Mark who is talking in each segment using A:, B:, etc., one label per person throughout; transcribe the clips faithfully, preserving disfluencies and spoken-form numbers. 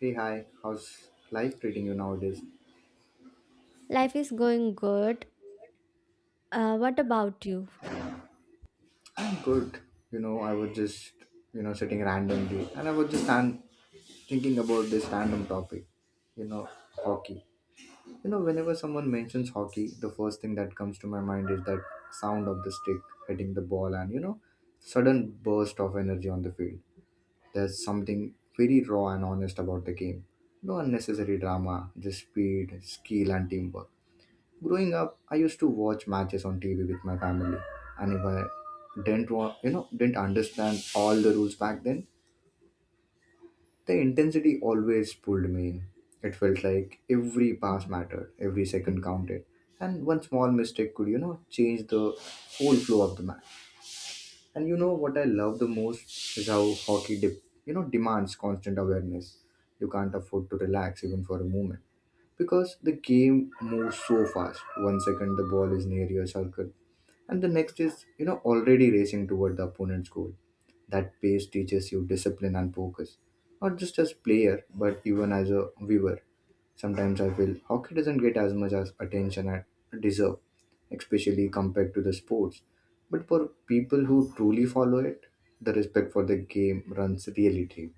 A: Hey, hi, how's life treating you nowadays?
B: Life is going good. Uh, what about you?
A: I'm good. You know, I was just, you know, sitting randomly and I was just stand, thinking about this random topic, you know, hockey. You know, whenever someone mentions hockey, the first thing that comes to my mind is that sound of the stick hitting the ball and, you know, sudden burst of energy on the field. There's something very raw and honest about the game. No unnecessary drama, just speed, skill, and teamwork. Growing up, I used to watch matches on T V with my family, and if I didn't wa- you know didn't understand all the rules back then, the intensity always pulled me in. It felt like every pass mattered, every second counted, and one small mistake could you know change the whole flow of the match. And you know what I love the most is how hockey de- you know demands constant awareness. You can't afford to relax even for a moment because the game moves so fast. One second the ball is near your circle, and the next is you know already racing toward the opponent's goal. That pace teaches you discipline and focus, not just as player but even as a viewer. Sometimes I feel hockey doesn't get as much as attention I deserve, especially compared to the sports. But for people who truly follow it, the respect for the game runs really deep.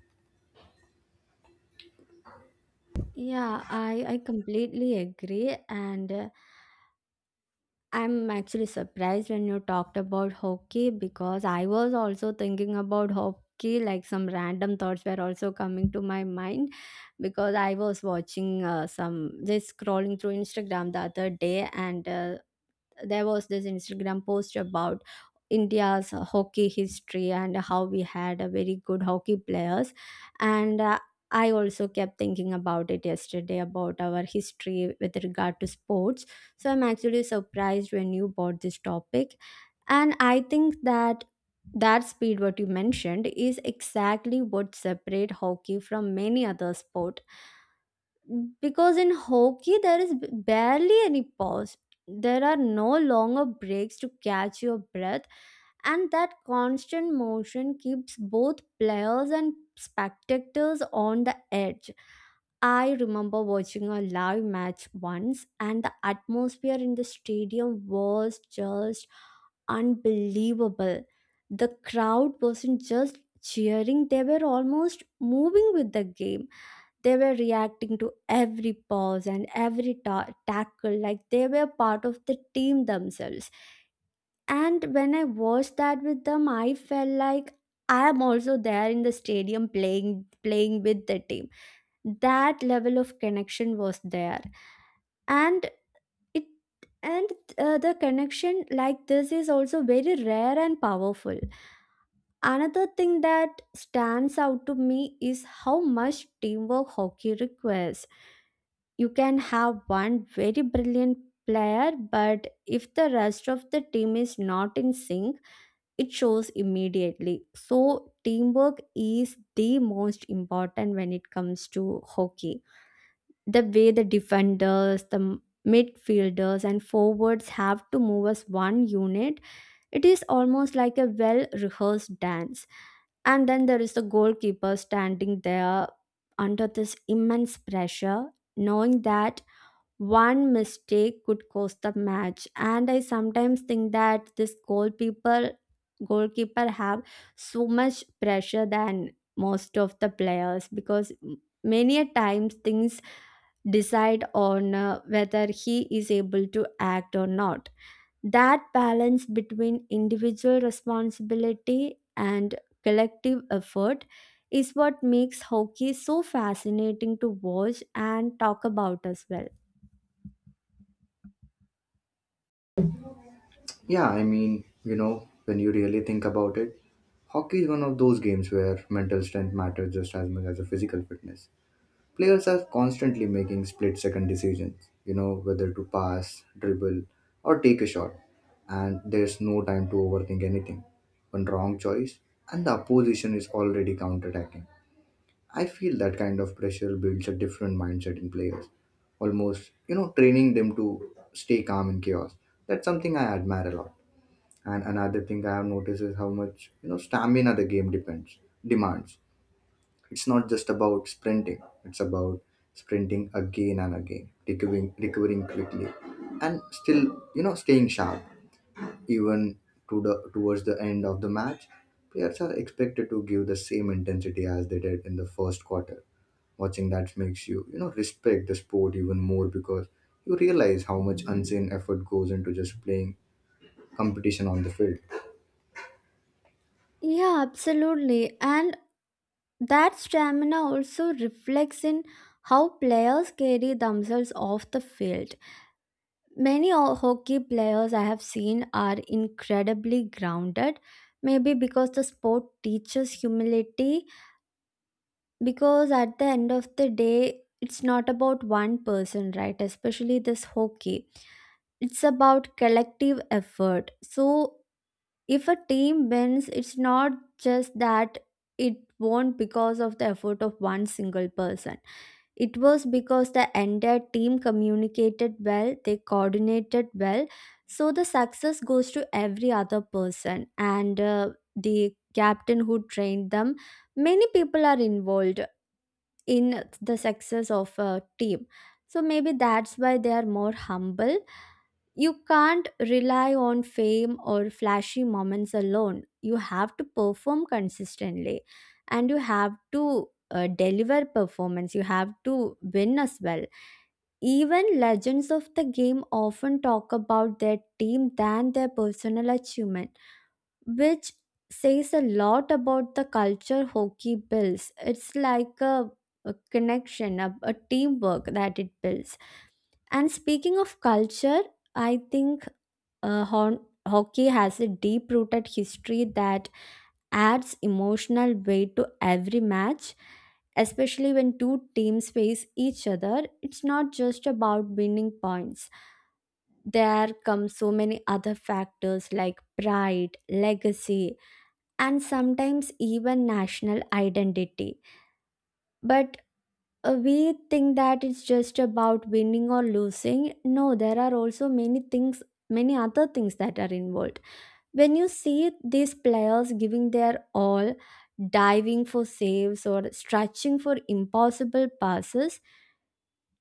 B: Yeah, I, I completely agree. And uh, I'm actually surprised when you talked about hockey because I was also thinking about hockey. Like some random thoughts were also coming to my mind because I was watching uh, some, just scrolling through Instagram the other day and uh, there was this Instagram post about India's hockey history and how we had a very good hockey players and uh, I also kept thinking about it yesterday about our history with regard to sports. So I'm actually surprised when you brought this topic. And I think that that speed what you mentioned is exactly what separate hockey from many other sport because in hockey there is b- barely any pause, there are no longer breaks to catch your breath, and that constant motion keeps both players and spectators on the edge. I remember watching a live match once, and the atmosphere in the stadium was just unbelievable. The crowd wasn't just cheering, they were almost moving with the game. They were reacting to every pause and every ta- tackle like they were part of the team themselves. And when I watched that with them, I felt like I am also there in the stadium playing playing with the team. That level of connection was there. And it and uh, the connection like this is also very rare and powerful. Another thing that stands out to me is how much teamwork hockey requires. You can have one very brilliant player, but if the rest of the team is not in sync, it shows immediately. So, teamwork is the most important when it comes to hockey. The way the defenders, the midfielders, and forwards have to move as one unit, it is almost like a well rehearsed dance. And then there is the goalkeeper standing there under this immense pressure, knowing that one mistake could cost the match, and I sometimes think that this goalkeeper goalkeeper have so much pressure than most of the players because m- many a times things decide on uh, whether he is able to act or not. That balance between individual responsibility and collective effort is what makes hockey so fascinating to watch and talk about as well.
A: Yeah, I mean, you know, when you really think about it, hockey is one of those games where mental strength matters just as much as the physical fitness. Players are constantly making split second decisions, you know, whether to pass, dribble, or take a shot, and there's no time to overthink anything. One wrong choice, and the opposition is already counterattacking. I feel that kind of pressure builds a different mindset in players, almost, you know, training them to stay calm in chaos. That's something I admire a lot. And another thing I have noticed is how much you know stamina the game depends demands. It's not just about sprinting; it's about sprinting again and again, recovering recovering quickly, and still you know staying sharp even to the towards the end of the match. Players are expected to give the same intensity as they did in the first quarter. Watching that makes you you know respect the sport even more because you realize how much unseen effort goes into just playing competition on the field.
B: Yeah, absolutely. And that stamina also reflects in how players carry themselves off the field. Many o- hockey players I have seen are incredibly grounded, maybe because the sport teaches humility, because at the end of the day, it's not about one person, right? Especially this hockey. It's about collective effort. So if a team wins, it's not just that it won because of the effort of one single person. It was because the entire team communicated well, they coordinated well. So the success goes to every other person and uh, the captain who trained them. Many people are involved in the success of a team. So maybe that's why they are more humble, you can't rely on fame or flashy moments alone. You have to perform consistently and you have to uh, deliver performance. You have to win as well. Even legends of the game often talk about their team than their personal achievement, which says a lot about the culture hockey builds. It's like a, a connection, a, a teamwork that it builds. And speaking of culture, I think uh, hon- hockey has a deep rooted history that adds emotional weight to every match, especially when two teams face each other. It's not just about winning points, there come so many other factors like pride, legacy, and sometimes even national identity. But uh, we think that it's just about winning or losing. No, there are also many things, many other things that are involved. When you see these players giving their all, diving for saves or stretching for impossible passes,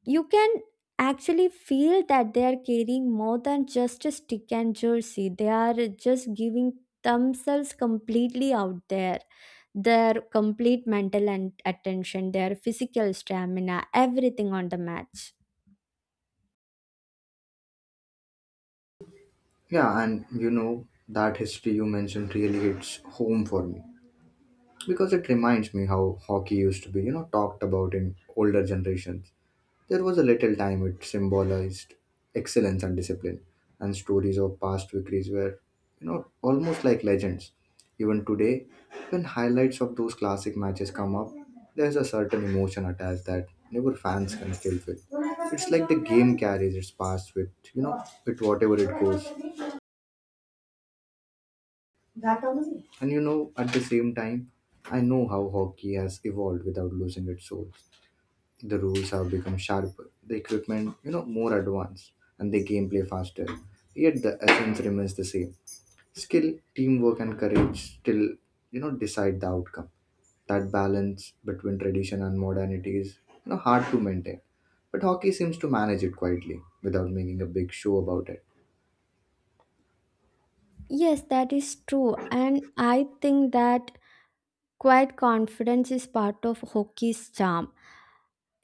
B: you can actually feel that they are carrying more than just a stick and jersey. They are just giving themselves completely out there. Their complete mental and attention, their physical stamina, everything on the match.
A: Yeah, and you know, that history you mentioned really hits home for me because it reminds me how hockey used to be, you know, talked about in older generations. There was a little time it symbolized excellence and discipline, and stories of past victories were, you know, almost like legends. Even today, when highlights of those classic matches come up, there's a certain emotion attached that never fans can still feel. It's like the game carries its past with, you know, with whatever it goes. That only. And you know, at the same time, I know how hockey has evolved without losing its soul. The rules have become sharper, the equipment, you know, more advanced, and the gameplay faster. Yet the essence remains the same. Skill, teamwork, and courage still, you know, decide the outcome. That balance between tradition and modernity is, you know, hard to maintain. But hockey seems to manage it quietly without making a big show about it.
B: Yes, that is true. And I think that quite confidence is part of hockey's charm.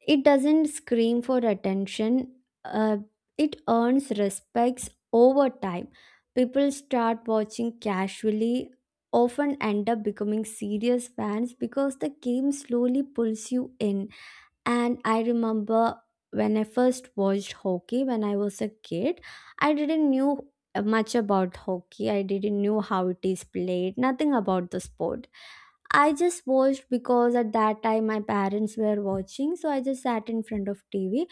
B: It doesn't scream for attention, uh, it earns respects over time. People start watching casually, often end up becoming serious fans because the game slowly pulls you in. And I remember when I first watched hockey when I was a kid, I didn't knew much about hockey. I didn't know how it is played, nothing about the sport. I just watched because at that time my parents were watching, so I just sat in front of T V.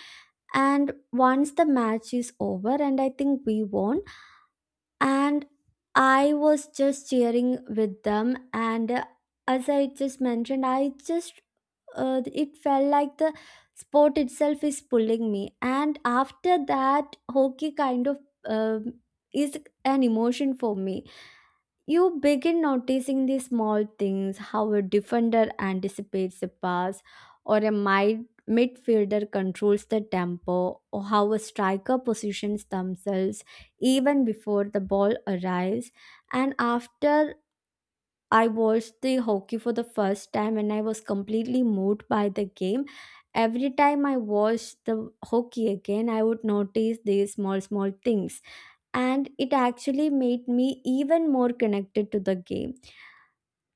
B: And once the match is over, and I think we won, and I was just cheering with them. And uh, as I just mentioned, I just uh, it felt like the sport itself is pulling me. And after that, hockey kind of um is an emotion for me. You begin noticing the small things, how a defender anticipates a pass, or a mid- midfielder controls the tempo, or how a striker positions themselves even before the ball arrives. And after I watched the hockey for the first time and I was completely moved by the game. Every time I watched the hockey again, I would notice these small, small things. And it actually made me even more connected to the game.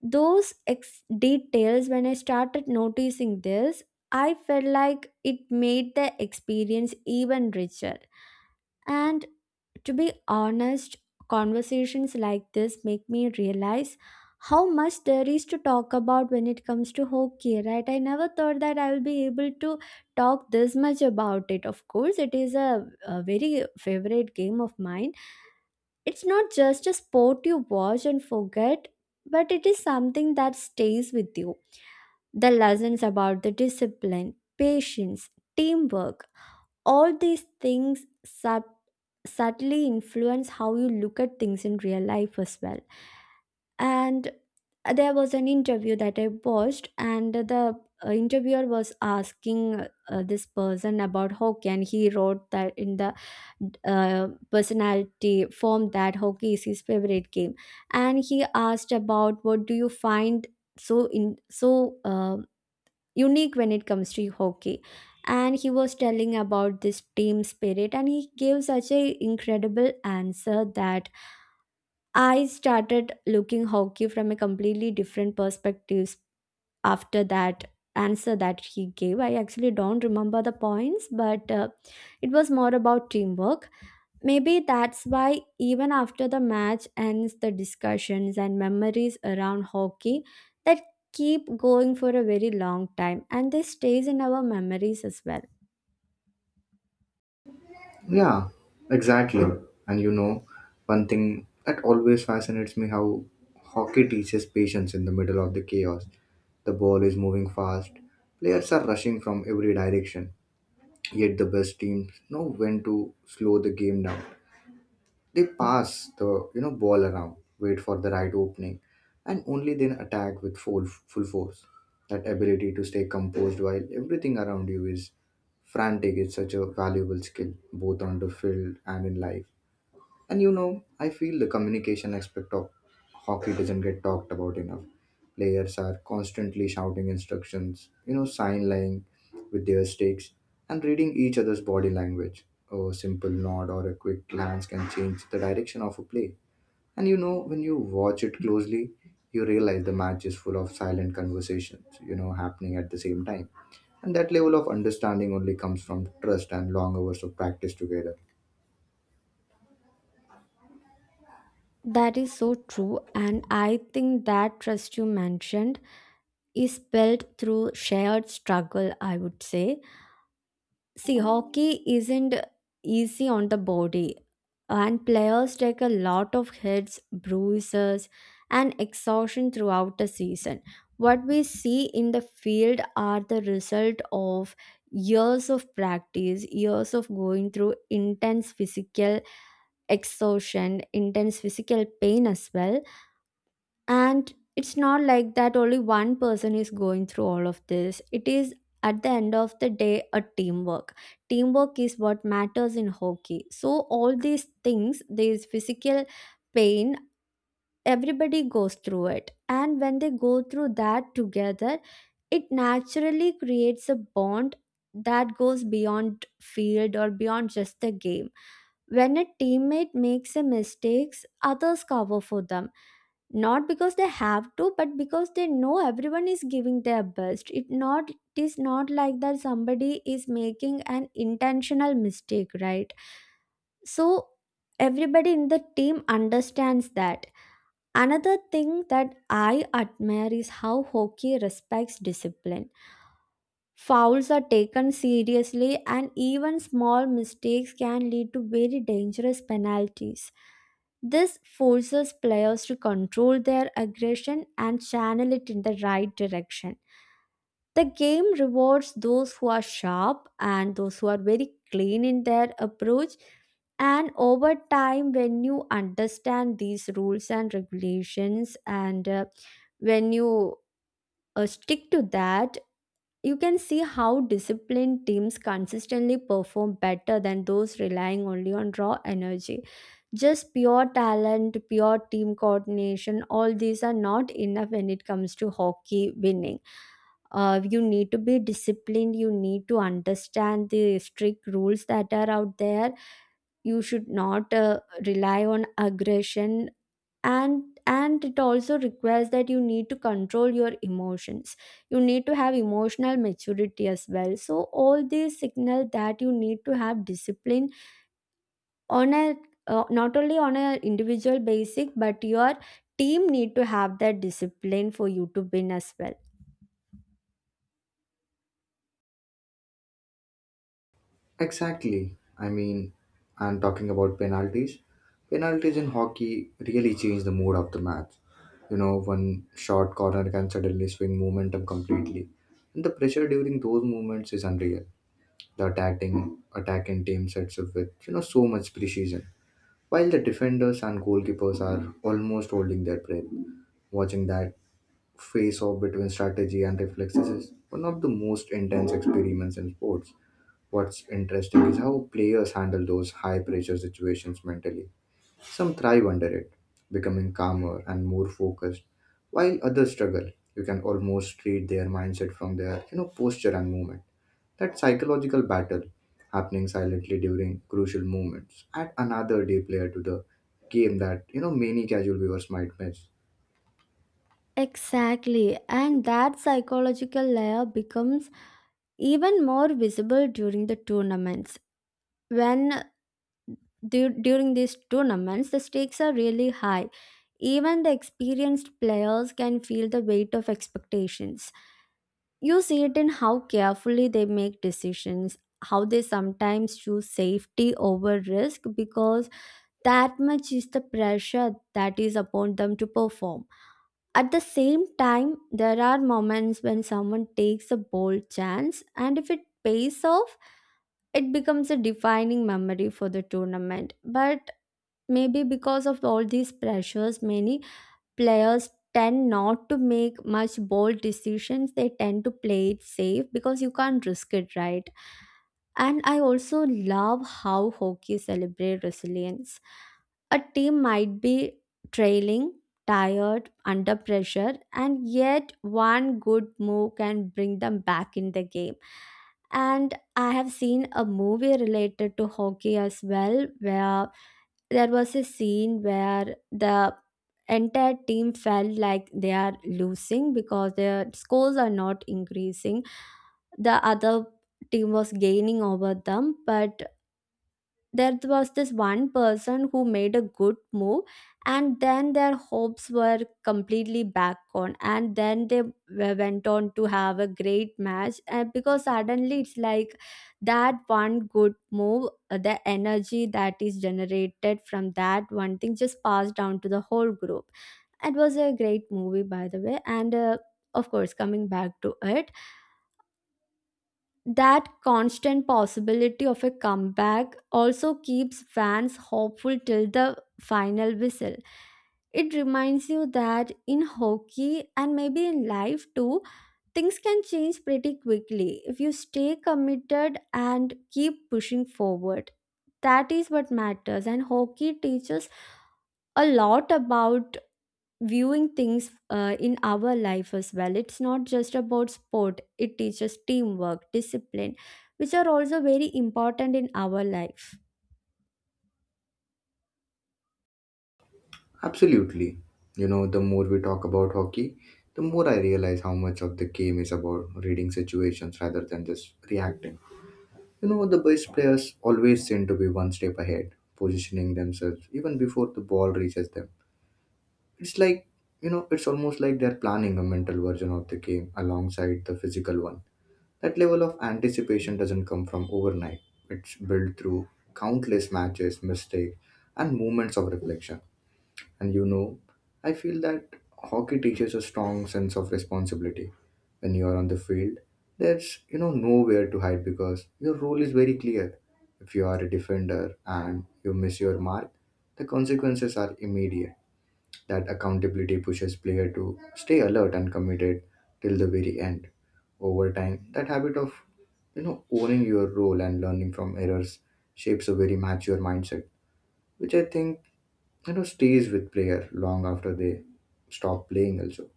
B: Those ex- details, when I started noticing this, I felt like it made the experience even richer. And to be honest, conversations like this make me realize how much there is to talk about when it comes to hockey, right? I never thought that I will be able to talk this much about it. Of course it is a, a very favorite game of mine. It's not just a sport you watch and forget, but it is something that stays with you. The lessons about the discipline, patience, teamwork, all these things sub- subtly influence how you look at things in real life as well. And there was an interview that I watched and the uh, interviewer was asking uh, this person about hockey and he wrote that in the uh, personality form that hockey is his favorite game and he asked about what do you find so in so uh, unique when it comes to hockey and he was telling about this team spirit and he gave such a incredible answer that I started looking hockey from a completely different perspectives after that answer that he gave. I actually don't remember the points, but uh, it was more about teamwork. Maybe that's why even after the match ends, the discussions and memories around hockey that keep going for a very long time and they stays in our memories as well.
A: Yeah, exactly. And you know, one thing that always fascinates me how hockey teaches patience in the middle of the chaos. The ball is moving fast, players are rushing from every direction, yet the best teams know when to slow the game down. They pass the you know ball around, wait for the right opening, and only then attack with full full force. That ability to stay composed while everything around you is frantic is such a valuable skill, both on the field and in life. And you know, I feel the communication aspect of hockey doesn't get talked about enough. Players are constantly shouting instructions, you know, sign lying with their sticks and reading each other's body language. A simple nod or a quick glance can change the direction of a play. And you know, when you watch it closely, you realize the match is full of silent conversations, you know, happening at the same time. And that level of understanding only comes from trust and long hours of practice together.
B: That is so true, and I think that trust you mentioned is built through shared struggle, I would say. See, hockey isn't easy on the body, and players take a lot of hits, bruises, and exhaustion throughout the season. What we see in the field are the result of years of practice, years of going through intense physical exhaustion, intense physical pain as well. And it's not like that only one person is going through all of this, it is at the end of the day a teamwork. Teamwork is what matters in hockey, so all these things, these physical pain, everybody goes through it, and when they go through that together it naturally creates a bond that goes beyond field or beyond just the game. When a teammate makes a mistakes, others cover for them, not because they have to but because they know everyone is giving their best. It not it is not like that somebody is making an intentional mistake, right? So everybody in the team understands that. Another thing that I admire is how hockey respects discipline. Fouls are taken seriously, and even small mistakes can lead to very dangerous penalties. This forces players to control their aggression and channel it in the right direction. The game rewards those who are sharp and those who are very clean in their approach. And over time, when you understand these rules and regulations, and uh, when you uh, stick to that, you can see how disciplined teams consistently perform better than those relying only on raw energy. Just pure talent, pure team coordination, all these are not enough when it comes to hockey winning. Uh, you need to be disciplined, you need to understand the strict rules that are out there. You should not uh, rely on aggression, and and it also requires that you need to control your emotions, you need to have emotional maturity as well. So all these signal that you need to have discipline on a, uh, not only on a individual basic but your team need to have that discipline for you to win as well.
A: Exactly. I mean, and talking about penalties, penalties in hockey really change the mood of the match. You know, one short corner can suddenly swing momentum completely, and the pressure during those moments is unreal. The attacking attacking team sets up with you know so much precision, while the defenders and goalkeepers are almost holding their breath. Watching that face off between strategy and reflexes is one of the most intense experiments in sports. What's interesting is how players handle those high pressure situations mentally. Some thrive under it, becoming calmer and more focused, while others struggle. You can almost read their mindset from their, you know, posture and movement. That psychological battle happening silently during crucial moments add another deep layer to the game that, you know, many casual viewers might miss.
B: Exactly, and that psychological layer becomes even more visible during the tournaments. When Dur- during these tournaments, the stakes are really high. Even the experienced players can feel the weight of expectations. You see it in how carefully they make decisions, how they sometimes choose safety over risk because that much is the pressure that is upon them to perform. At the same time, there are moments when someone takes a bold chance, and if it pays off, it becomes a defining memory for the tournament. But Maybe because of all these pressures, many players tend not to make much bold decisions. They tend to play it safe because you can't risk it, right? And I also love how hockey celebrate resilience. A team might be trailing, tired, under pressure, and yet one good move can bring them back in the game. And I have seen a movie related to hockey as well, where there was a scene where the entire team felt like they are losing because their scores are not increasing, the other team was gaining over them, but there was this one person who made a good move, and then their hopes were completely back on, and then they w- went on to have a great match. And because suddenly it's like that one good move, uh, the energy that is generated from that one thing just passed down to the whole group. It was a great movie by the way, and uh, of course, coming back to it, that constant possibility of a comeback also keeps fans hopeful till the final whistle. It reminds you that in hockey and maybe in life too, things can change pretty quickly if you stay committed and keep pushing forward. That is what matters, and hockey teaches a lot about viewing things uh, in our life as well. It's not just about sport, it teaches teamwork, discipline, which are also very important in our life.
A: Absolutely. You know, the more we talk about hockey, the more I realize how much of the game is about reading situations rather than just reacting. You know, the best players always seem to be one step ahead, positioning themselves even before the ball reaches them. It's like, you know, it's almost like they're planning a mental version of the game alongside the physical one. That level of anticipation doesn't come from overnight, it's built through countless matches, mistakes, and moments of reflection. And you know, I feel that hockey teaches a strong sense of responsibility. When you are on the field, there's you know nowhere to hide because your role is very clear. If you are a defender and you miss your mark, the consequences are immediate. That accountability pushes player to stay alert and committed till the very end. Over time, that habit of you know owning your role and learning from errors shapes a very mature mindset, which I think you know stays with player long after they stop playing also.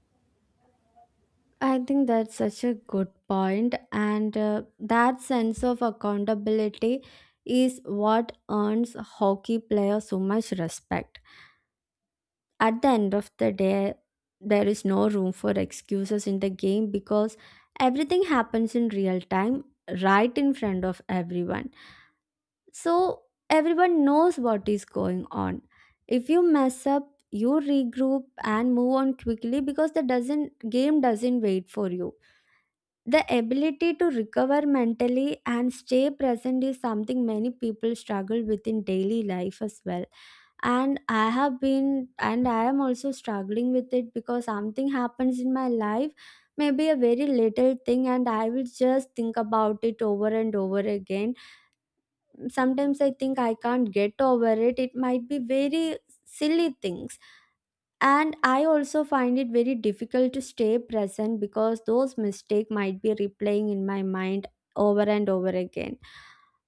B: I think that's such a good point, and uh, that sense of accountability is what earns hockey players so much respect. At the end of the day, there is no room for excuses in the game because everything happens in real time, right in front of everyone. So everyone knows what is going on. If you mess up, you regroup and move on quickly because the doesn't game doesn't wait for you. The ability to recover mentally and stay present is something many people struggle with in daily life as well. And I have been, and I am also struggling with it, because something happens in my life, maybe a very little thing, and I will just think about it over and over again. Sometimes I think I can't get over it. It might be very silly things, and I also find it very difficult to stay present because those mistakes might be replaying in my mind over and over again.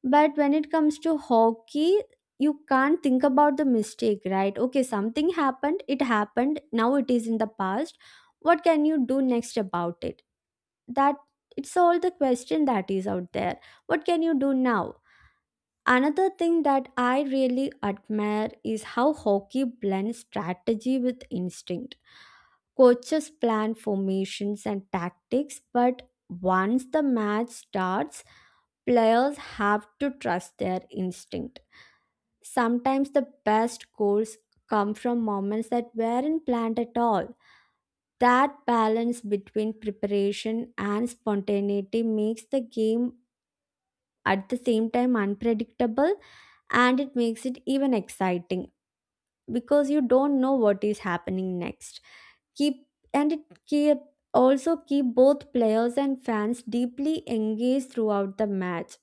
B: But when it comes to hockey, you can't think about the mistake, right? Okay, something happened, it happened, now it is in the past. What can you do next about it? That, it's all the question that is out there. What can you do now? Another thing that I really admire is how hockey blends strategy with instinct. Coaches plan formations and tactics, but once the match starts, players have to trust their instinct. Sometimes the best goals come from moments that weren't planned at all. That balance between preparation and spontaneity makes the game at the same time unpredictable, and it makes it even exciting because you don't know what is happening next. Keep and it keep also keep both players and fans deeply engaged throughout the match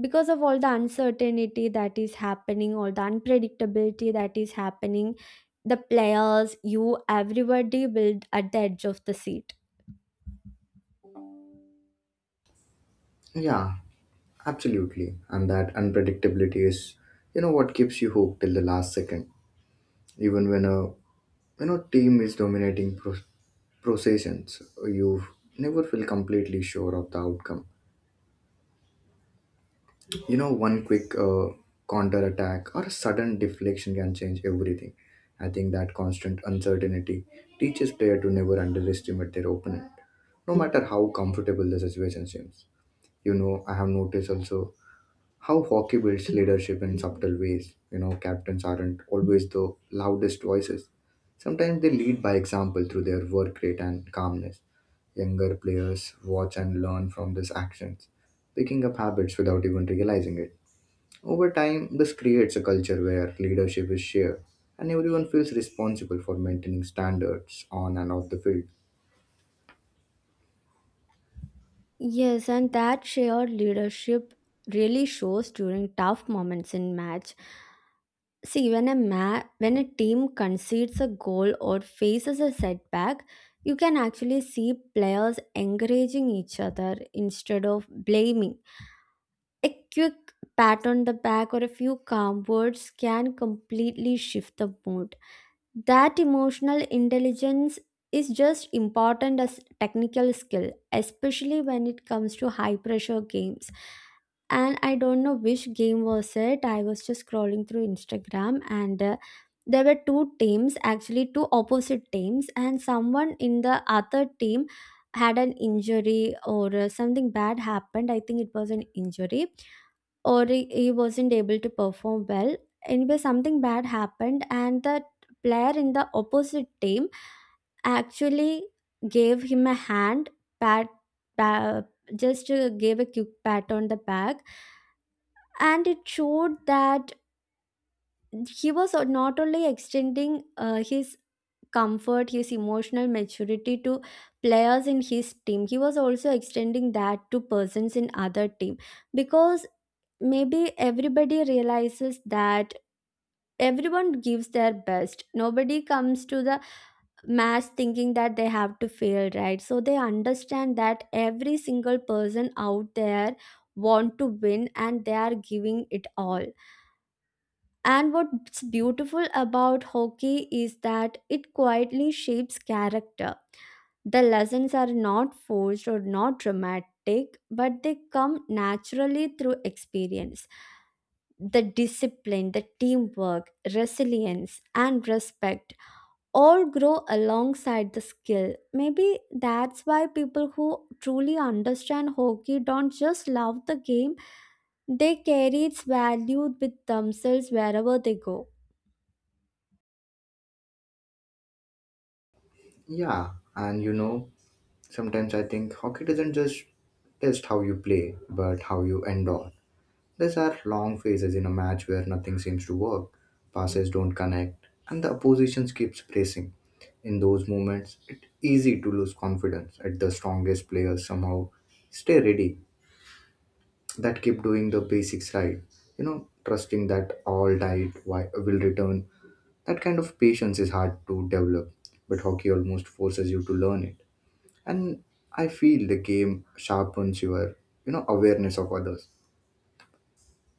B: because of all the uncertainty that is happening, all the unpredictability that is happening. The players, you, everybody will at the edge of the seat.
A: Yeah, absolutely. And that unpredictability is you know what keeps you hooked till the last second, even when a you know team is dominating pro- processions, you never feel completely sure of the outcome. You know, one quick uh, counter attack or a sudden deflection can change everything. I think that constant uncertainty teaches player to never underestimate their opponent, no matter how comfortable the situation seems. You know, I have noticed also how hockey builds leadership in subtle ways. You know, captains aren't always the loudest voices. Sometimes they lead by example through their work rate and calmness. Younger players watch and learn from these actions, picking up habits without even realizing it. Over time, this creates a culture where leadership is shared and everyone feels responsible for maintaining standards on and off the field.
B: Yes, and that shared leadership really shows during tough moments in match. See, when a ma- when a team concedes a goal or faces a setback, you can actually see players encouraging each other instead of blaming. A quick pat on the back or a few calm words can completely shift the mood. That emotional intelligence is just important as technical skill, especially when it comes to high pressure games. And I don't know which game was it. I was just scrolling through Instagram, and uh, there were two teams, actually two opposite teams, and someone in the other team had an injury or uh, something bad happened. I think it was an injury, or he he wasn't able to perform well. Anyway, something bad happened, and the player in the opposite team actually gave him a hand pat, pa- just uh, gave a quick pat on the back, and it showed that he was not only extending uh, his comfort, his emotional maturity to players in his team, he was also extending that to persons in other team. Because maybe everybody realizes that everyone gives their best, nobody comes to the match thinking that they have to fail, right? So they understand that every single person out there want to win and they are giving it all. And what's beautiful about hockey is that it quietly shapes character. The lessons are not forced or not dramatic, but they come naturally through experience. The discipline, the teamwork, resilience, and respect all grow alongside the skill. Maybe that's why people who truly understand hockey don't just love the game, they carry its value with themselves wherever they go.
A: Yeah, and you know, sometimes I think hockey doesn't just test how you play, but how you endure. These are long phases in a match where nothing seems to work, passes don't connect, and the opposition keeps pressing. In those moments, it's easy to lose confidence at the strongest players somehow stay ready, that keep doing the basics right, you know trusting that all diet wi- will return. That kind of patience is hard to develop, but hockey almost forces you to learn it. And I feel the game sharpens your you know awareness of others.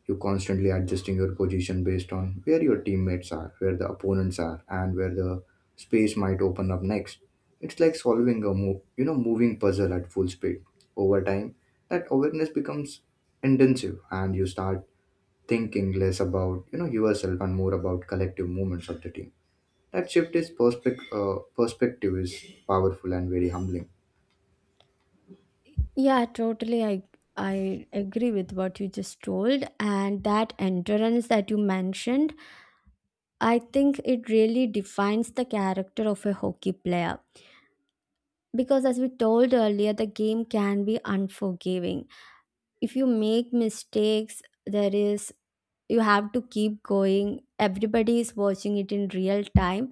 A: You constantly adjusting your position based on where your teammates are, where the opponents are, and where the space might open up next. It's like solving a move you know moving puzzle at full speed. Over time, that awareness becomes intensive and you start thinking less about you know yourself and more about collective movements of the team. That shift is perspective uh, perspective is powerful and very humbling.
B: Yeah, totally. I I agree with what you just told, and that endurance that you mentioned, I think it really defines the character of a hockey player, because as we told earlier, the game can be unforgiving. If you make mistakes, there is, you have to keep going, everybody is watching it in real time,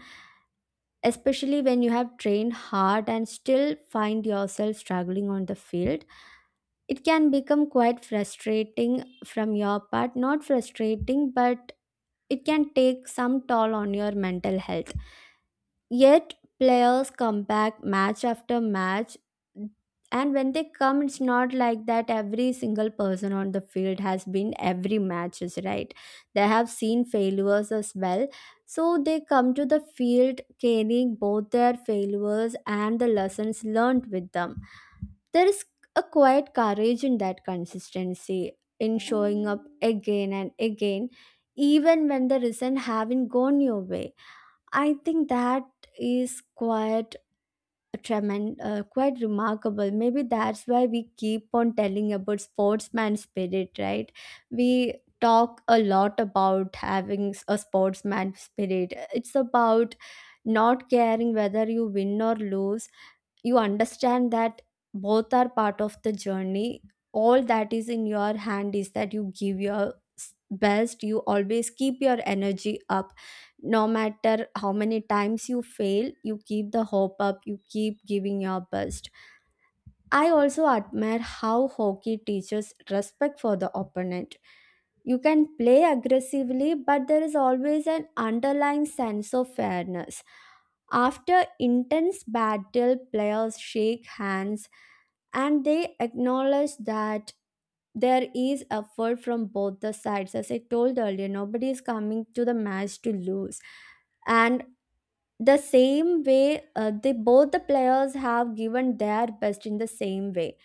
B: especially when you have trained hard and still find yourself struggling on the field. It can become quite frustrating, from your part, not frustrating, but it can take some toll on your mental health. Yet players come back match after match. And when they come, it's not like that every single person on the field has been every matches, right? They have seen failures as well. So they come to the field carrying both their failures and the lessons learned with them. There is a quiet courage in that consistency, in showing up again and again, even when the results haven't gone your way. I think that is quite a tremend, uh, quite remarkable. Maybe that's why we keep on telling about sportsman spirit, right? We talk a lot about having s- a sportsman spirit. It's about not caring whether you win or lose. You understand that both are part of the journey. All that is in your hand is that you give your s- best. You always keep your energy up, no matter how many times you fail, you keep the hope up, you keep giving your best. I also admire how hockey teaches respect for the opponent. You can play aggressively, but there is always an underlying sense of fairness. After intense battle, players shake hands, and they acknowledge that there is effort from both the sides. As I told earlier, nobody is coming to the match to lose, and the same way, uh, they both the players have given their best in the same way,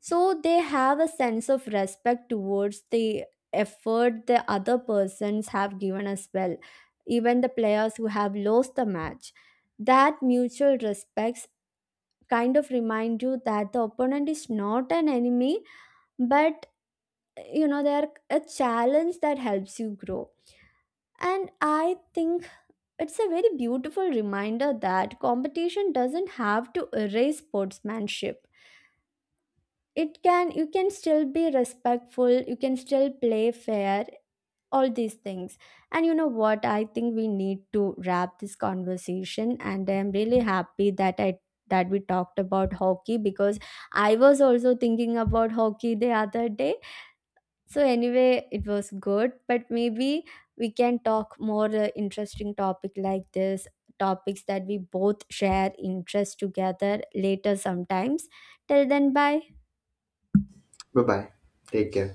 B: so they have a sense of respect towards the effort the other persons have given as well, even the players who have lost the match. That mutual respects kind of remind you that the opponent is not an enemy, but you know, they are a challenge that helps you grow. And I think it's a very beautiful reminder that competition doesn't have to erase sportsmanship. It can, you can still be respectful, you can still play fair, all these things. And you know what, I think we need to wrap this conversation, and I'm really happy that I, that we talked about hockey, because I was also thinking about hockey the other day. So anyway, it was good, but maybe we can talk more uh, interesting topic like this, topics that we both share interest together later sometimes. Till then, bye.
A: Bye bye, take care.